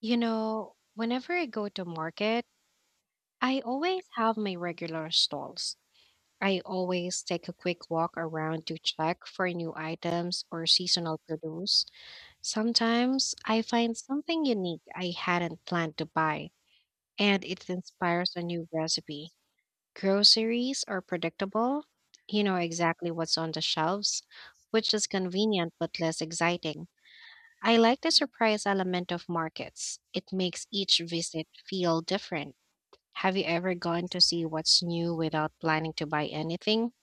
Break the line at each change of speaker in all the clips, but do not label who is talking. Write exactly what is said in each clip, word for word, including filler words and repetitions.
You know, whenever I go to market, I always have my regular stalls. I always take a quick walk around to check for new items or seasonal produce. Sometimes I find something unique I hadn't planned to buy, and it inspires a new recipe. Groceries are predictable. You know exactly what's on the shelves, which is convenient but less exciting. I like the surprise element of markets. It makes each visit feel different. Have you ever gone to see what's new without planning to buy anything?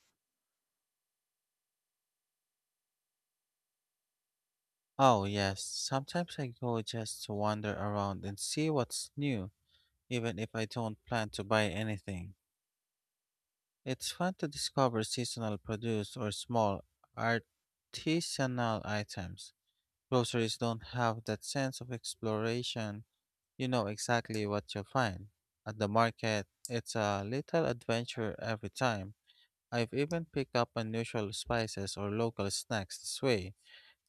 Oh, yes. Sometimes I go just to wander around and see what's new, even if I don't plan to buy anything. It's fun to discover seasonal produce or small artisanal items. Groceries don't have that sense of exploration. You know exactly what you'll find. At the market, it's a little adventure every time. I've even picked up unusual spices or local snacks this way.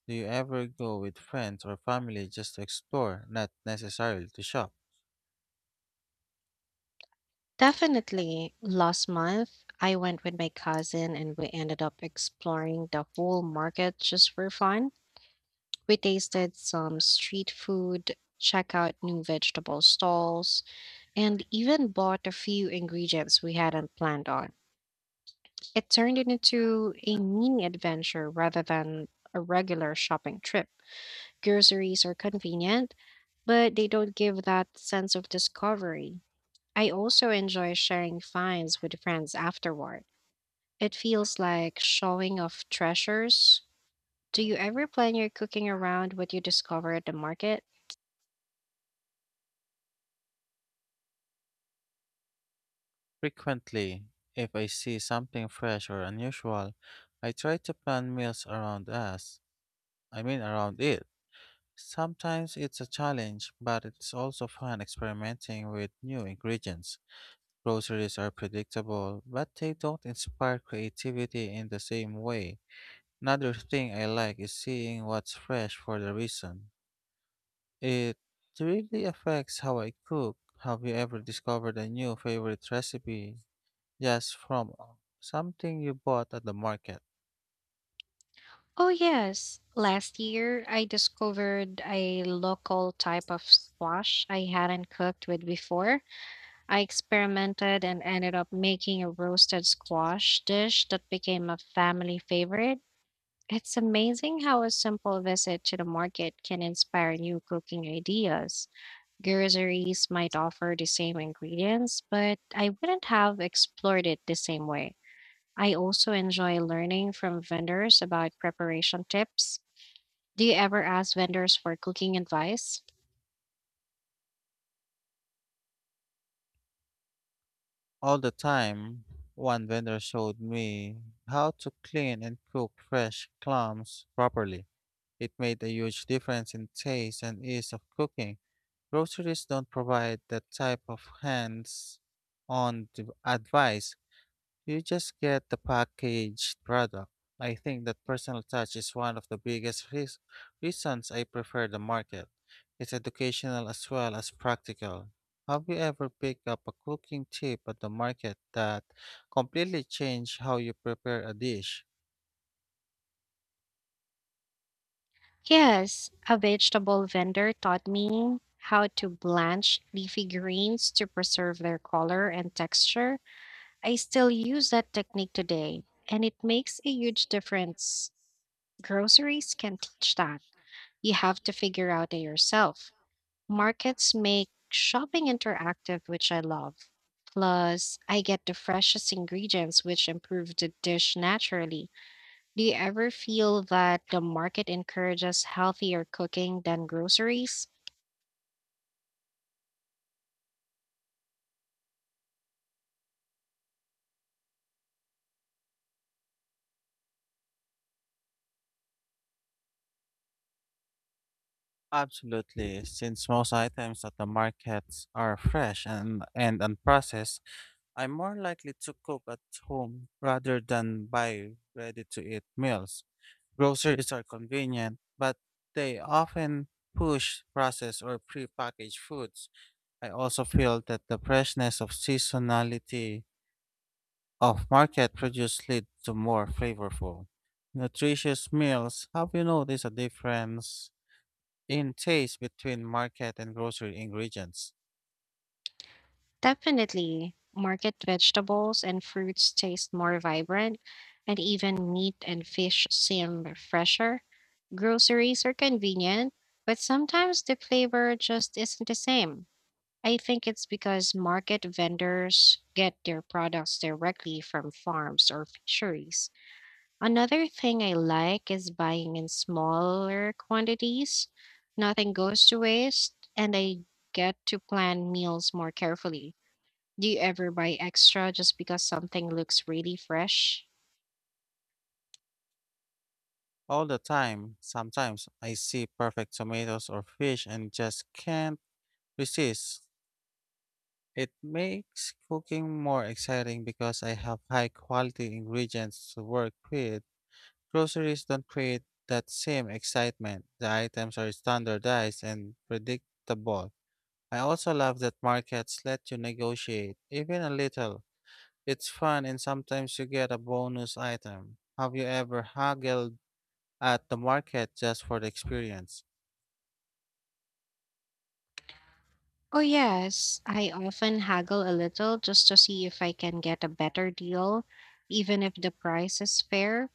Do you ever go with friends or family just to explore, not necessarily to shop?
Definitely. Last month, I went with my cousin and we ended up exploring the whole market just for fun. We tasted some street food, check out new vegetable stalls, and even bought a few ingredients we hadn't planned on. It turned it into a mini adventure rather than a regular shopping trip. Groceries are convenient, but they don't give that sense of discovery. I also enjoy sharing finds with friends afterward. It feels like showing off treasures. Do you ever plan your cooking around what you discover at the market?
Frequently, if I see something fresh or unusual, I try to plan meals around us. I mean, around it. Sometimes it's a challenge, but it's also fun experimenting with new ingredients. Groceries are predictable, but they don't inspire creativity in the same way. Another thing I like is seeing what's fresh for the reason. It really affects how I cook. Have you ever discovered a new favorite recipe just from uh, something you bought at the market?
Oh, yes. Last year, I discovered a local type of squash I hadn't cooked with before. I experimented and ended up making a roasted squash dish that became a family favorite. It's amazing how a simple visit to the market can inspire new cooking ideas. Groceries might offer the same ingredients, but I wouldn't have explored it the same way. I also enjoy learning from vendors about preparation tips. Do you ever ask vendors for cooking advice?
All the time, one vendor showed me how to clean and cook fresh clams properly. It made a huge difference in taste and ease of cooking. Groceries don't provide that type of hands on advice. You just get the packaged product. I think that personal touch is one of the biggest reas- reasons I prefer the market. It's educational as well as practical. Have you ever picked up a cooking tip at the market that completely changed how you prepare a dish?
Yes, a vegetable vendor taught me how to blanch leafy greens to preserve their color and texture. I still use that technique today, and it makes a huge difference. Groceries can teach that. You have to figure out it yourself. Markets make shopping interactive, which I love. Plus, I get the freshest ingredients, which improve the dish naturally. Do you ever feel that the market encourages healthier cooking than groceries?
Absolutely. Since most items at the markets are fresh and, and unprocessed, I'm more likely to cook at home rather than buy ready to eat meals. Groceries are convenient, but they often push processed or prepackaged foods. I also feel that the freshness of seasonality of market produce lead to more flavorful, nutritious meals. Have you noticed a difference in taste between market and grocery ingredients?
Definitely. Market vegetables and fruits taste more vibrant, and even meat and fish seem fresher. Groceries are convenient, but sometimes the flavor just isn't the same. I think it's because market vendors get their products directly from farms or fisheries. Another thing I like is buying in smaller quantities. Nothing goes to waste, and I get to plan meals more carefully. Do you ever buy extra just because something looks really fresh?
All the time, sometimes I see perfect tomatoes or fish and just can't resist. It makes cooking more exciting because I have high quality ingredients to work with. Groceries don't create that same excitement. The items are standardized and predictable. I also love that markets let you negotiate, even a little. It's fun and sometimes you get a bonus item. Have you ever haggled at the market just for the experience?
Oh, yes. I often haggle a little just to see if I can get a better deal, even if the price is fair.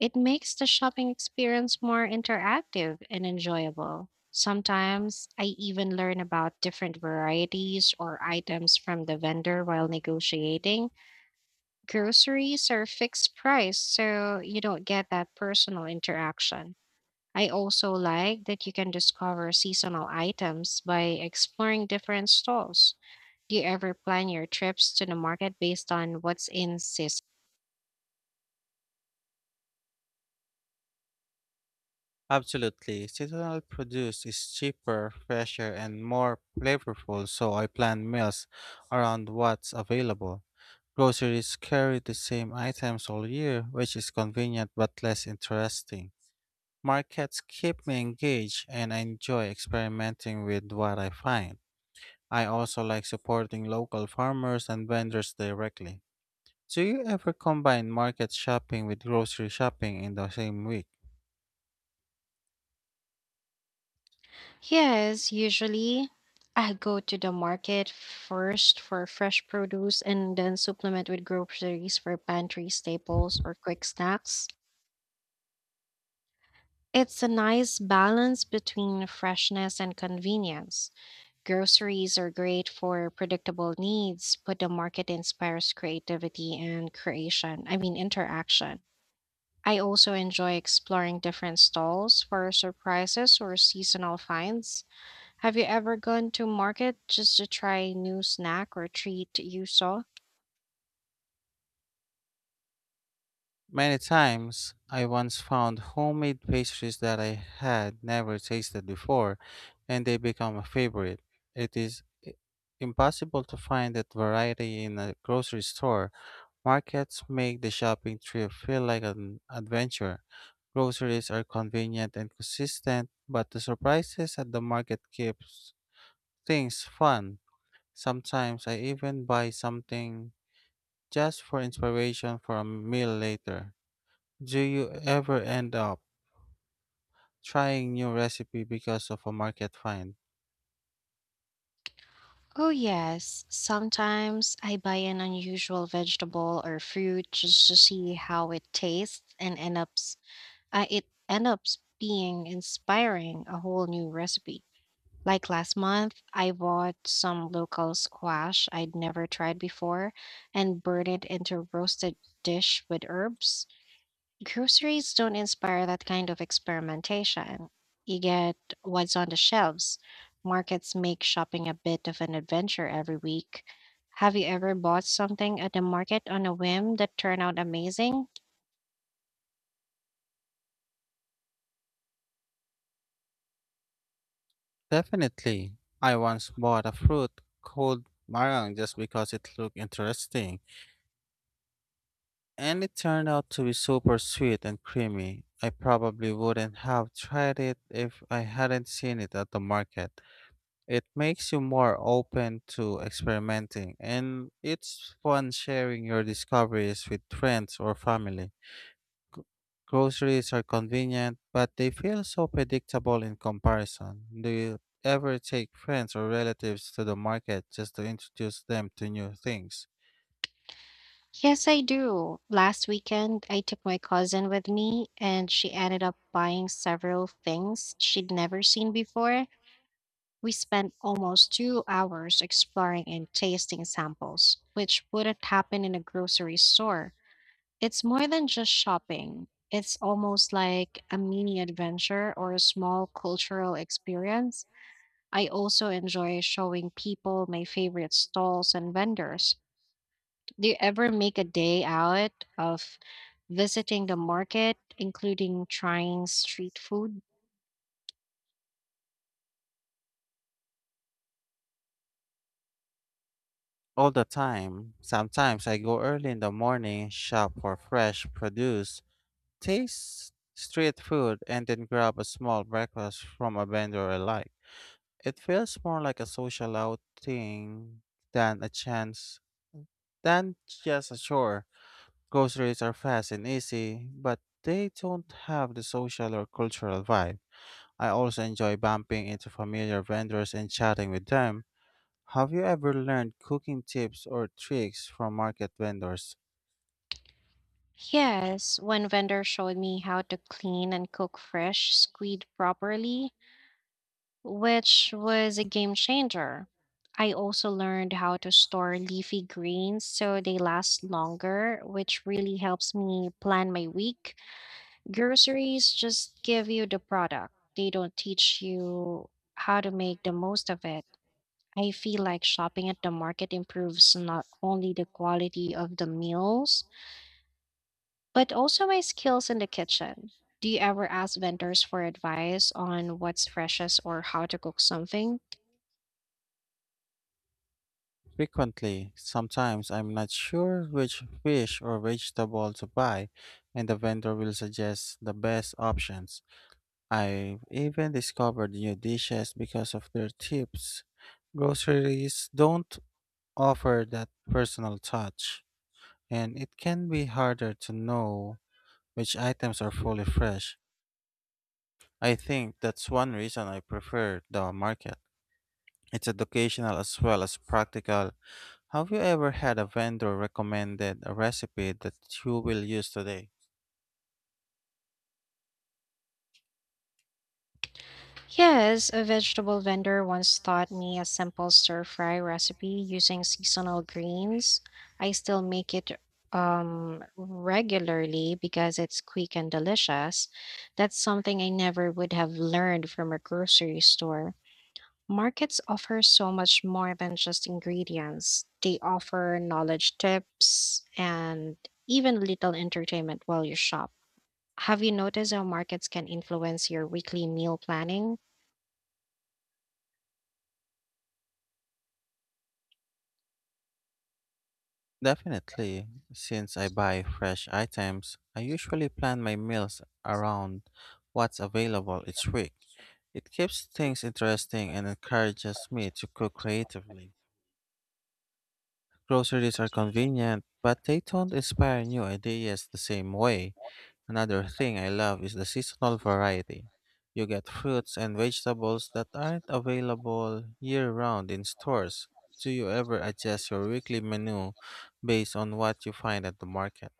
It makes the shopping experience more interactive and enjoyable. Sometimes I even learn about different varieties or items from the vendor while negotiating. Groceries are fixed price, so you don't get that personal interaction. I also like that you can discover seasonal items by exploring different stalls. Do you ever plan your trips to the market based on what's in season?
Absolutely. Seasonal produce is cheaper, fresher, and more flavorful, so I plan meals around what's available. Groceries carry the same items all year, which is convenient but less interesting. Markets keep me engaged and I enjoy experimenting with what I find. I also like supporting local farmers and vendors directly. Do you ever combine market shopping with grocery shopping in the same week?
Yes, usually I go to the market first for fresh produce and then supplement with groceries for pantry staples or quick snacks. It's a nice balance between freshness and convenience. Groceries are great for predictable needs, but the market inspires creativity and creation, I mean, interaction. I also enjoy exploring different stalls for surprises or seasonal finds. Have you ever gone to market just to try new snack or treat you saw?
Many times, I once found homemade pastries that I had never tasted before, and they become a favorite. It is i- impossible to find that variety in a grocery store. Markets make the shopping trip feel like an adventure. Groceries are convenient and consistent, but the surprises at the market keeps things fun. Sometimes I even buy something just for inspiration for a meal later. Do you ever end up trying new recipe because of a market find?
Oh yes, sometimes I buy an unusual vegetable or fruit just to see how it tastes and end up uh, it ends up being inspiring a whole new recipe. Like last month, I bought some local squash I'd never tried before and burned it into roasted dish with herbs. Groceries don't inspire that kind of experimentation. You get what's on the shelves. Markets make shopping a bit of an adventure every week. Have you ever bought something at the market on a whim that turned out amazing?
Definitely. I once bought a fruit called marang just because it looked interesting, and it turned out to be super sweet and creamy. I probably wouldn't have tried it if I hadn't seen it at the market. It makes you more open to experimenting, and it's fun sharing your discoveries with friends or family. Groceries are convenient, but they feel so predictable in comparison. Do you ever take friends or relatives to the market just to introduce them to new things?
Yes, I do. Last weekend, I took my cousin with me, and she ended up buying several things she'd never seen before. We spent almost two hours exploring and tasting samples, which wouldn't happen in a grocery store. It's more than just shopping. It's almost like a mini adventure or a small cultural experience. I also enjoy showing people my favorite stalls and vendors. Do you ever make a day out of visiting the market, including trying street food?
All the time. Sometimes I go early in the morning, shop for fresh produce, taste street food, and then grab a small breakfast from a vendor I like. It feels more like a social outing than a chance, than just a chore. Groceries are fast and easy, but they don't have the social or cultural vibe. I also enjoy bumping into familiar vendors and chatting with them. Have you ever learned cooking tips or tricks from market vendors?
Yes, one vendor showed me how to clean and cook fresh squid properly, which was a game changer. I also learned how to store leafy greens so they last longer, which really helps me plan my week. Groceries just give you the product, they don't teach you how to make the most of it. I feel like shopping at the market improves not only the quality of the meals, but also my skills in the kitchen. Do you ever ask vendors for advice on what's freshest or how to cook something?
Frequently, sometimes I'm not sure which fish or vegetable to buy, and the vendor will suggest the best options. I've even discovered new dishes because of their tips. Groceries don't offer that personal touch, and it can be harder to know which items are fully fresh. I think that's one reason I prefer the market. It's educational as well as practical. Have you ever had a vendor recommended a recipe that you will use today?
Yes, a vegetable vendor once taught me a simple stir fry recipe using seasonal greens. I still make it um, regularly because it's quick and delicious. That's something I never would have learned from a grocery store. Markets offer so much more than just ingredients, they offer knowledge tips and even little entertainment while you shop. Have you noticed how markets can influence your weekly meal planning?
Definitely. Since I buy fresh items, I usually plan my meals around what's available each week. It keeps things interesting and encourages me to cook creatively. Groceries are convenient, but they don't inspire new ideas the same way. Another thing I love is the seasonal variety. You get fruits and vegetables that aren't available year round in stores. Do you ever adjust your weekly menu based on what you find at the market?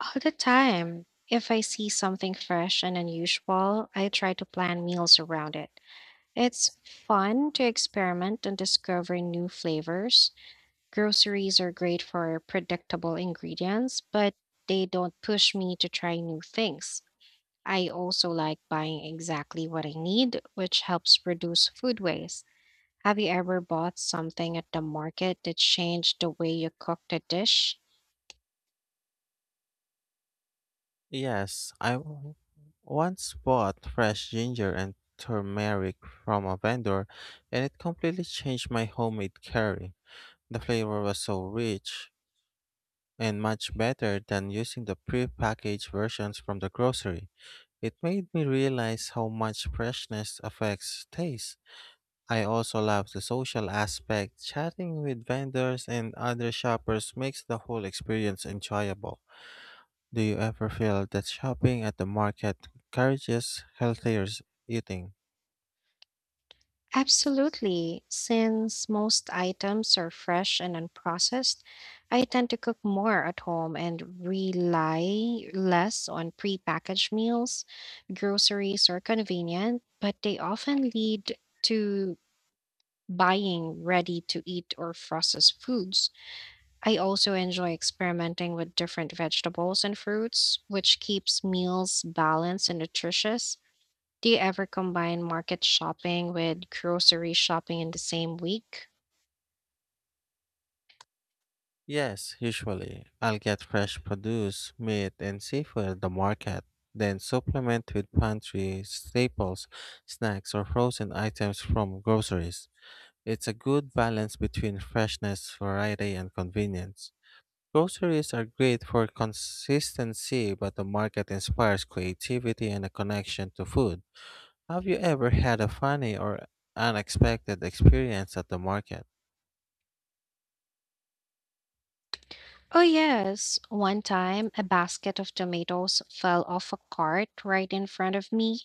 All the time. If I see something fresh and unusual, I try to plan meals around it. It's fun to experiment and discover new flavors. Groceries are great for predictable ingredients, but they don't push me to try new things. I also like buying exactly what I need, which helps reduce food waste. Have you ever bought something at the market that changed the way you cooked a dish?
Yes, I w- once bought fresh ginger and turmeric from a vendor, and it completely changed my homemade curry. The flavor was so rich and much better than using the pre-packaged versions from the grocery. It made me realize how much freshness affects taste. I also love the social aspect. Chatting with vendors and other shoppers makes the whole experience enjoyable. Do you ever feel that shopping at the market encourages healthier s- eating?
Absolutely. Since most items are fresh and unprocessed, I tend to cook more at home and rely less on prepackaged meals. Groceries are convenient, but they often lead to buying ready to eat or processed foods. I also enjoy experimenting with different vegetables and fruits, which keeps meals balanced and nutritious. Do you ever combine market shopping with grocery shopping in the same week?
Yes, usually. I'll get fresh produce, meat, and seafood at the market, then supplement with pantry staples, snacks, or frozen items from groceries. It's a good balance between freshness, variety, and convenience. Groceries are great for consistency, but the market inspires creativity and a connection to food. Have you ever had a funny or unexpected experience at the market?
Oh, yes. One time, a basket of tomatoes fell off a cart right in front of me,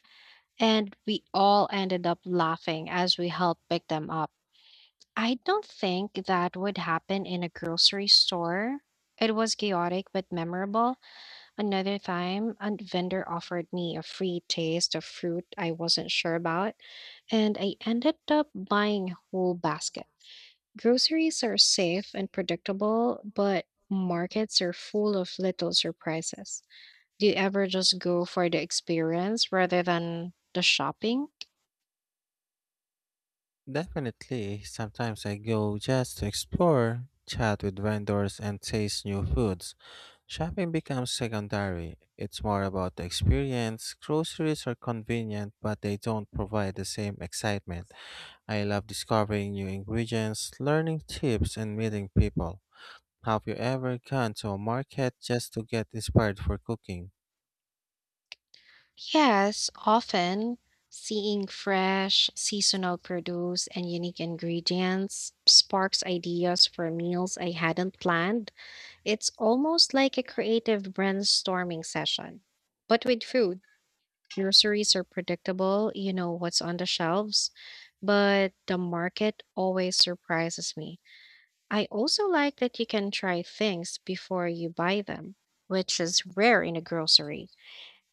and we all ended up laughing as we helped pick them up. I don't think that would happen in a grocery store. It was chaotic but memorable. Another time, a vendor offered me a free taste of fruit I wasn't sure about, and I ended up buying a whole basket. Groceries are safe and predictable, but markets are full of little surprises. Do you ever just go for the experience rather than the shopping?
Definitely, sometimes I go just to explore, chat with vendors, and taste new foods. Shopping becomes secondary. It's more about the experience. Groceries are convenient, but they don't provide the same excitement. I love discovering new ingredients, learning tips, and meeting people. Have you ever gone to a market just to get inspired for cooking?
Yes, often seeing fresh, seasonal produce and unique ingredients sparks ideas for meals I hadn't planned. It's almost like a creative brainstorming session, but with food. Groceries are predictable, you know what's on the shelves, but the market always surprises me. I also like that you can try things before you buy them, which is rare in a grocery.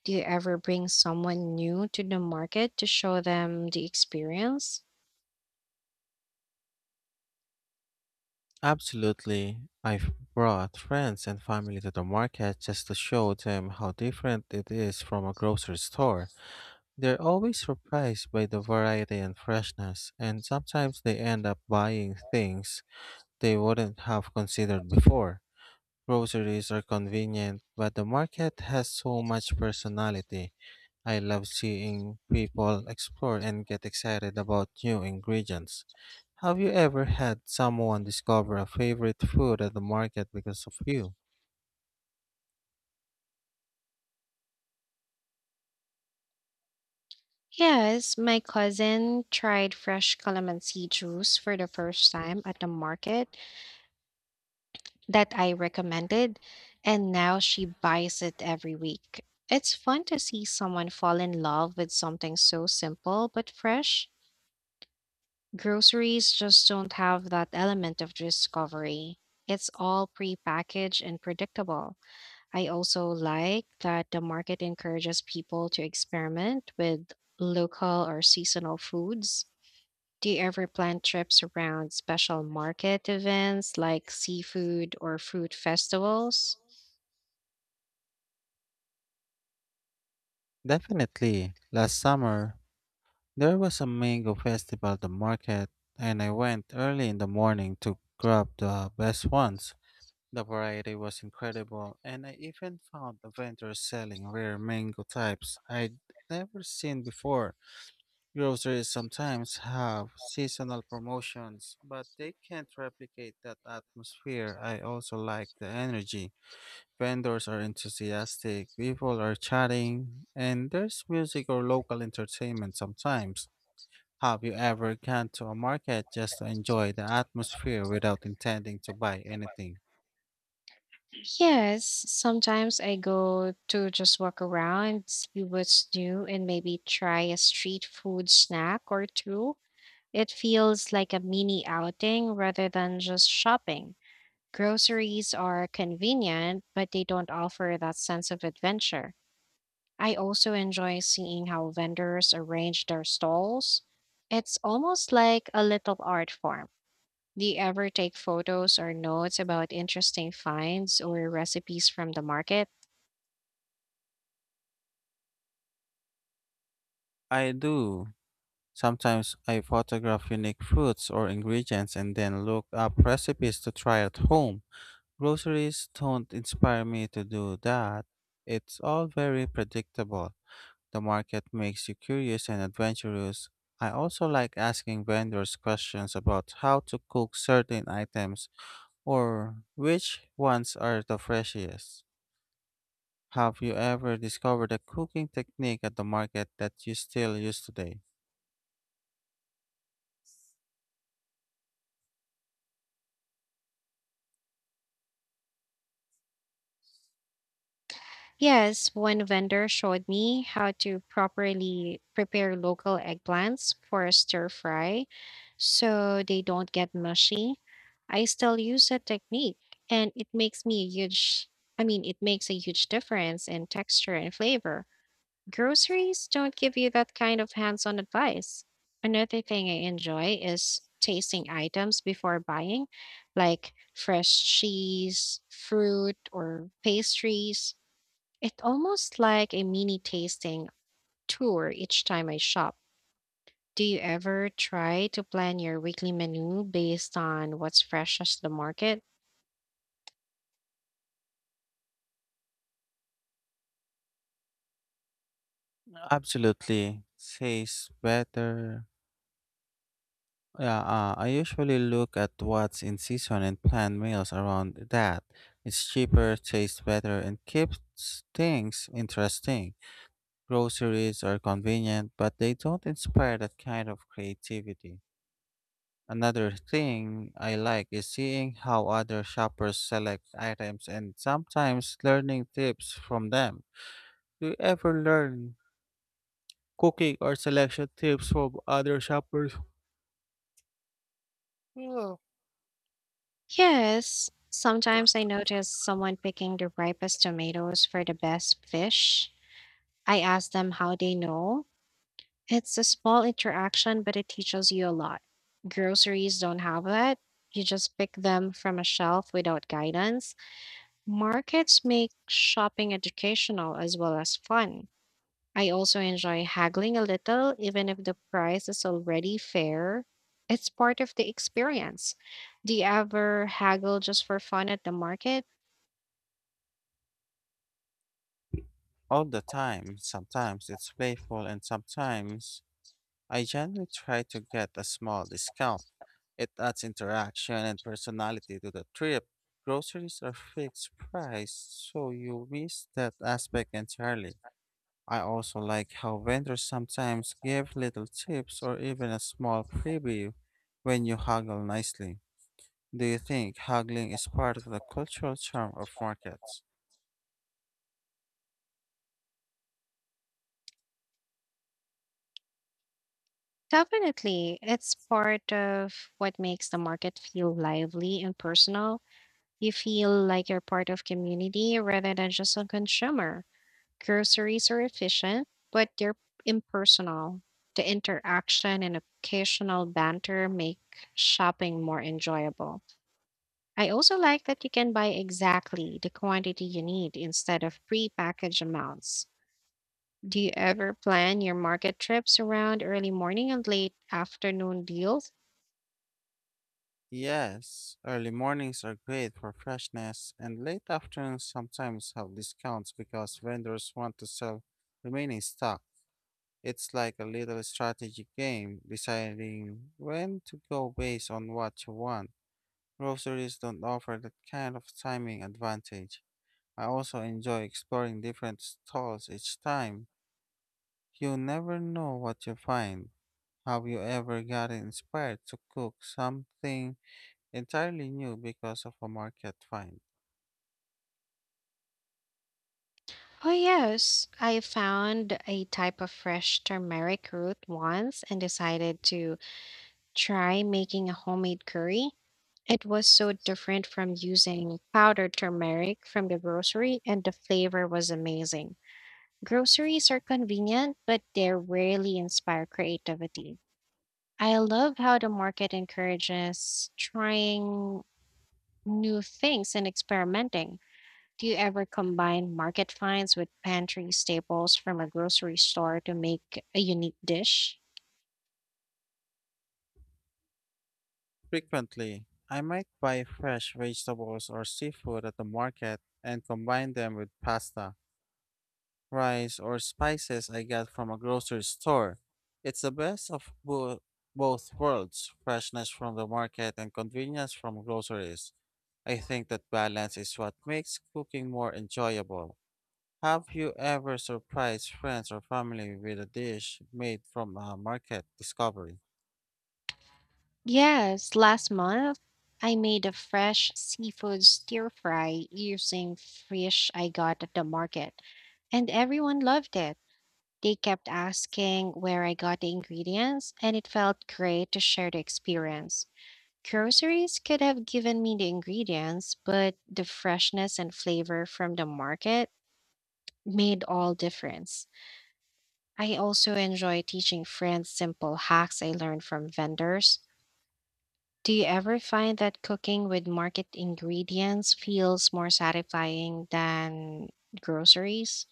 Do you ever bring someone new to the market to show them the experience?
Absolutely. I've brought friends and family to the market just to show them how different it is from a grocery store. They're always surprised by the variety and freshness, and sometimes they end up buying things they wouldn't have considered before. Groceries are convenient, but the market has so much personality. I love seeing people explore and get excited about new ingredients. Have you ever had someone discover a favorite food at the market because of you?
Yes, my cousin tried fresh calamansi juice for the first time at the market that I recommended, and now she buys it every week. It's fun to see someone fall in love with something so simple but fresh. Groceries just don't have that element of discovery. It's all prepackaged and predictable. I also like that the market encourages people to experiment with local or seasonal foods. Do you ever plan trips around special market events like seafood or fruit festivals?
Definitely. Last summer, there was a mango festival at the market, and I went early in the morning to grab the best ones. The variety was incredible, and I even found a vendor selling rare mango types I'd never seen before. Groceries sometimes have seasonal promotions, but they can't replicate that atmosphere. I also like the energy. Vendors are enthusiastic, people are chatting, and there's music or local entertainment sometimes. Have you ever gone to a market just to enjoy the atmosphere without intending to buy anything?
Yes, sometimes I go to just walk around, see what's new, and maybe try a street food snack or two. It feels like a mini outing rather than just shopping. Groceries are convenient, but they don't offer that sense of adventure. I also enjoy seeing how vendors arrange their stalls. It's almost like a little art form. Do you ever take photos or notes about interesting finds or recipes from the market?
I do. Sometimes I photograph unique fruits or ingredients and then look up recipes to try at home. Groceries don't inspire me to do that. It's all very predictable. The market makes you curious and adventurous. I also like asking vendors questions about how to cook certain items or which ones are the freshest. Have you ever discovered a cooking technique at the market that you still use today?
Yes, one vendor showed me how to properly prepare local eggplants for a stir fry so they don't get mushy. I still use that technique and it makes me a huge I mean it makes a huge difference in texture and flavor. Groceries don't give you that kind of hands on advice. Another thing I enjoy is tasting items before buying, like fresh cheese, fruit, or pastries. It's almost like a mini tasting tour each time I shop. Do you ever try to plan your weekly menu based on what's fresh at the market?
Absolutely. Tastes better, yeah, uh, I usually look at what's in season and plan meals around that. It's cheaper, tastes better, and keeps things interesting. Groceries are convenient, but they don't inspire that kind of creativity. Another thing I like is seeing how other shoppers select items and sometimes learning tips from them. Do you ever learn cooking or selection tips from other shoppers?
Yes. Sometimes I notice someone picking the ripest tomatoes for the best fish, I ask them how they know. It's a small interaction, but it teaches you a lot. Groceries don't have that. You just pick them from a shelf without guidance. Markets make shopping educational as well as fun. I also enjoy haggling a little, even if the price is already fair. It's part of the experience. Do you ever haggle just for fun at the market?
All the time. Sometimes it's playful, and sometimes I generally try to get a small discount. It adds interaction and personality to the trip. Groceries are fixed price, so you miss that aspect entirely. I also like how vendors sometimes give little tips or even a small freebie when you haggle nicely. Do you think haggling is part of the cultural charm of markets?
Definitely. It's part of what makes the market feel lively and personal. You feel like you're part of community rather than just a consumer. Groceries are efficient, but they're impersonal. The interaction and occasional banter make shopping more enjoyable. I also like that you can buy exactly the quantity you need instead of pre-packaged amounts. Do you ever plan your market trips around early morning and late afternoon deals?
Yes, early mornings are great for freshness, and late afternoons sometimes have discounts because vendors want to sell remaining stock. It's like a little strategic game, deciding when to go based on what you want. Groceries don't offer that kind of timing advantage. I also enjoy exploring different stalls each time. You never know what you find. Have you ever gotten inspired to cook something entirely new because of a market find?
Oh, yes. I found a type of fresh turmeric root once and decided to try making a homemade curry. It was so different from using powdered turmeric from the grocery, and the flavor was amazing. Groceries are convenient, but they rarely inspire creativity. I love how the market encourages trying new things and experimenting. Do you ever combine market finds with pantry staples from a grocery store to make a unique dish?
Frequently, I might buy fresh vegetables or seafood at the market and combine them with pasta, rice, or spices I got from a grocery store. It's the best of bo- both worlds, freshness from the market and convenience from groceries. I think that balance is what makes cooking more enjoyable. Have you ever surprised friends or family with a dish made from a market discovery?
Yes, last month I made a fresh seafood stir fry using fish I got at the market, and everyone loved it. They kept asking where I got the ingredients, and it felt great to share the experience. Groceries could have given me the ingredients, but the freshness and flavor from the market made all difference. I also enjoy teaching friends simple hacks I learned from vendors. Do you ever find that cooking with market ingredients feels more satisfying than groceries?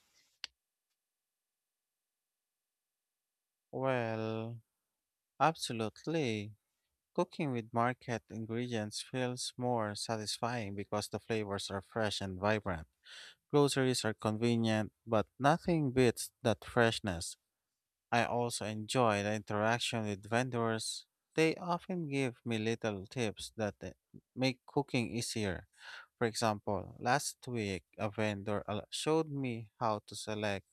Well, absolutely. Cooking with market ingredients feels more satisfying because the flavors are fresh and vibrant. Groceries are convenient, but nothing beats that freshness. I also enjoy the interaction with vendors. They often give me little tips that uh, make cooking easier. For example, last week a vendor al- showed me how to select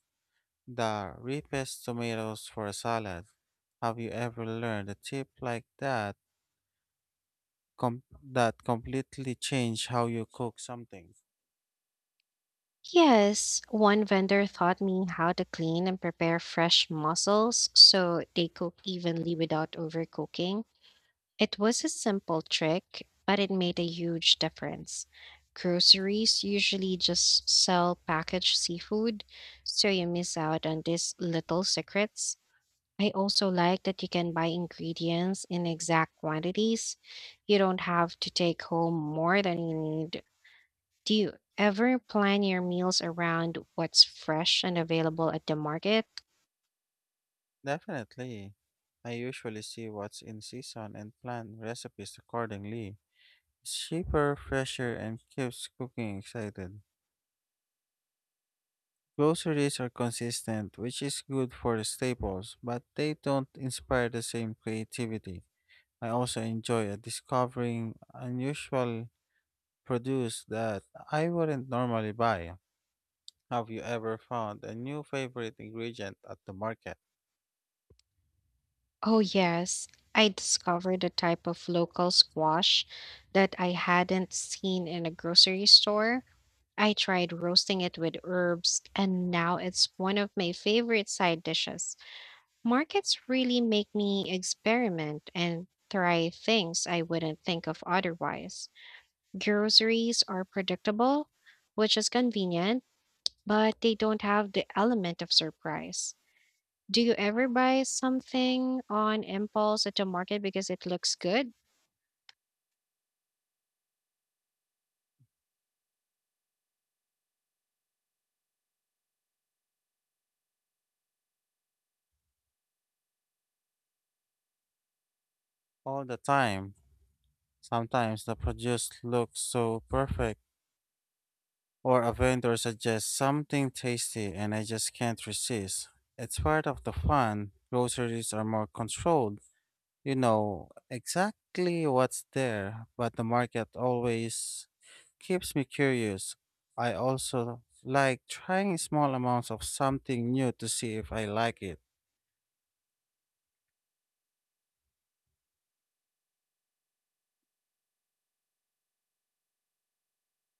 the ripest tomatoes for a salad. Have you ever learned a tip like that com- that completely change how you cook something?
Yes, one vendor taught me how to clean and prepare fresh mussels so they cook evenly without overcooking. It was a simple trick, but it made a huge difference. Groceries usually just sell packaged seafood, so you miss out on these little secrets. I also like that you can buy ingredients in exact quantities. You don't have to take home more than you need. Do you ever plan your meals around what's fresh and available at the market?
Definitely. I usually see what's in season and plan recipes accordingly. It's cheaper, fresher, and keeps cooking excited. Groceries are consistent, which is good for the staples, but they don't inspire the same creativity. I also enjoy uh, discovering unusual produce that I wouldn't normally buy. Have you ever found a new favorite ingredient at the market?
Oh, yes. I discovered a type of local squash that I hadn't seen in a grocery store. I tried roasting it with herbs, and now it's one of my favorite side dishes. Markets really make me experiment and try things I wouldn't think of otherwise. Groceries are predictable, which is convenient, but they don't have the element of surprise. Do you ever buy something on impulse at the market because it looks good?
All the time. Sometimes the produce looks so perfect, or a vendor suggests something tasty and I just can't resist. It's part of the fun. Groceries are more controlled. You know exactly what's there, but the market always keeps me curious. I also like trying small amounts of something new to see if I like it.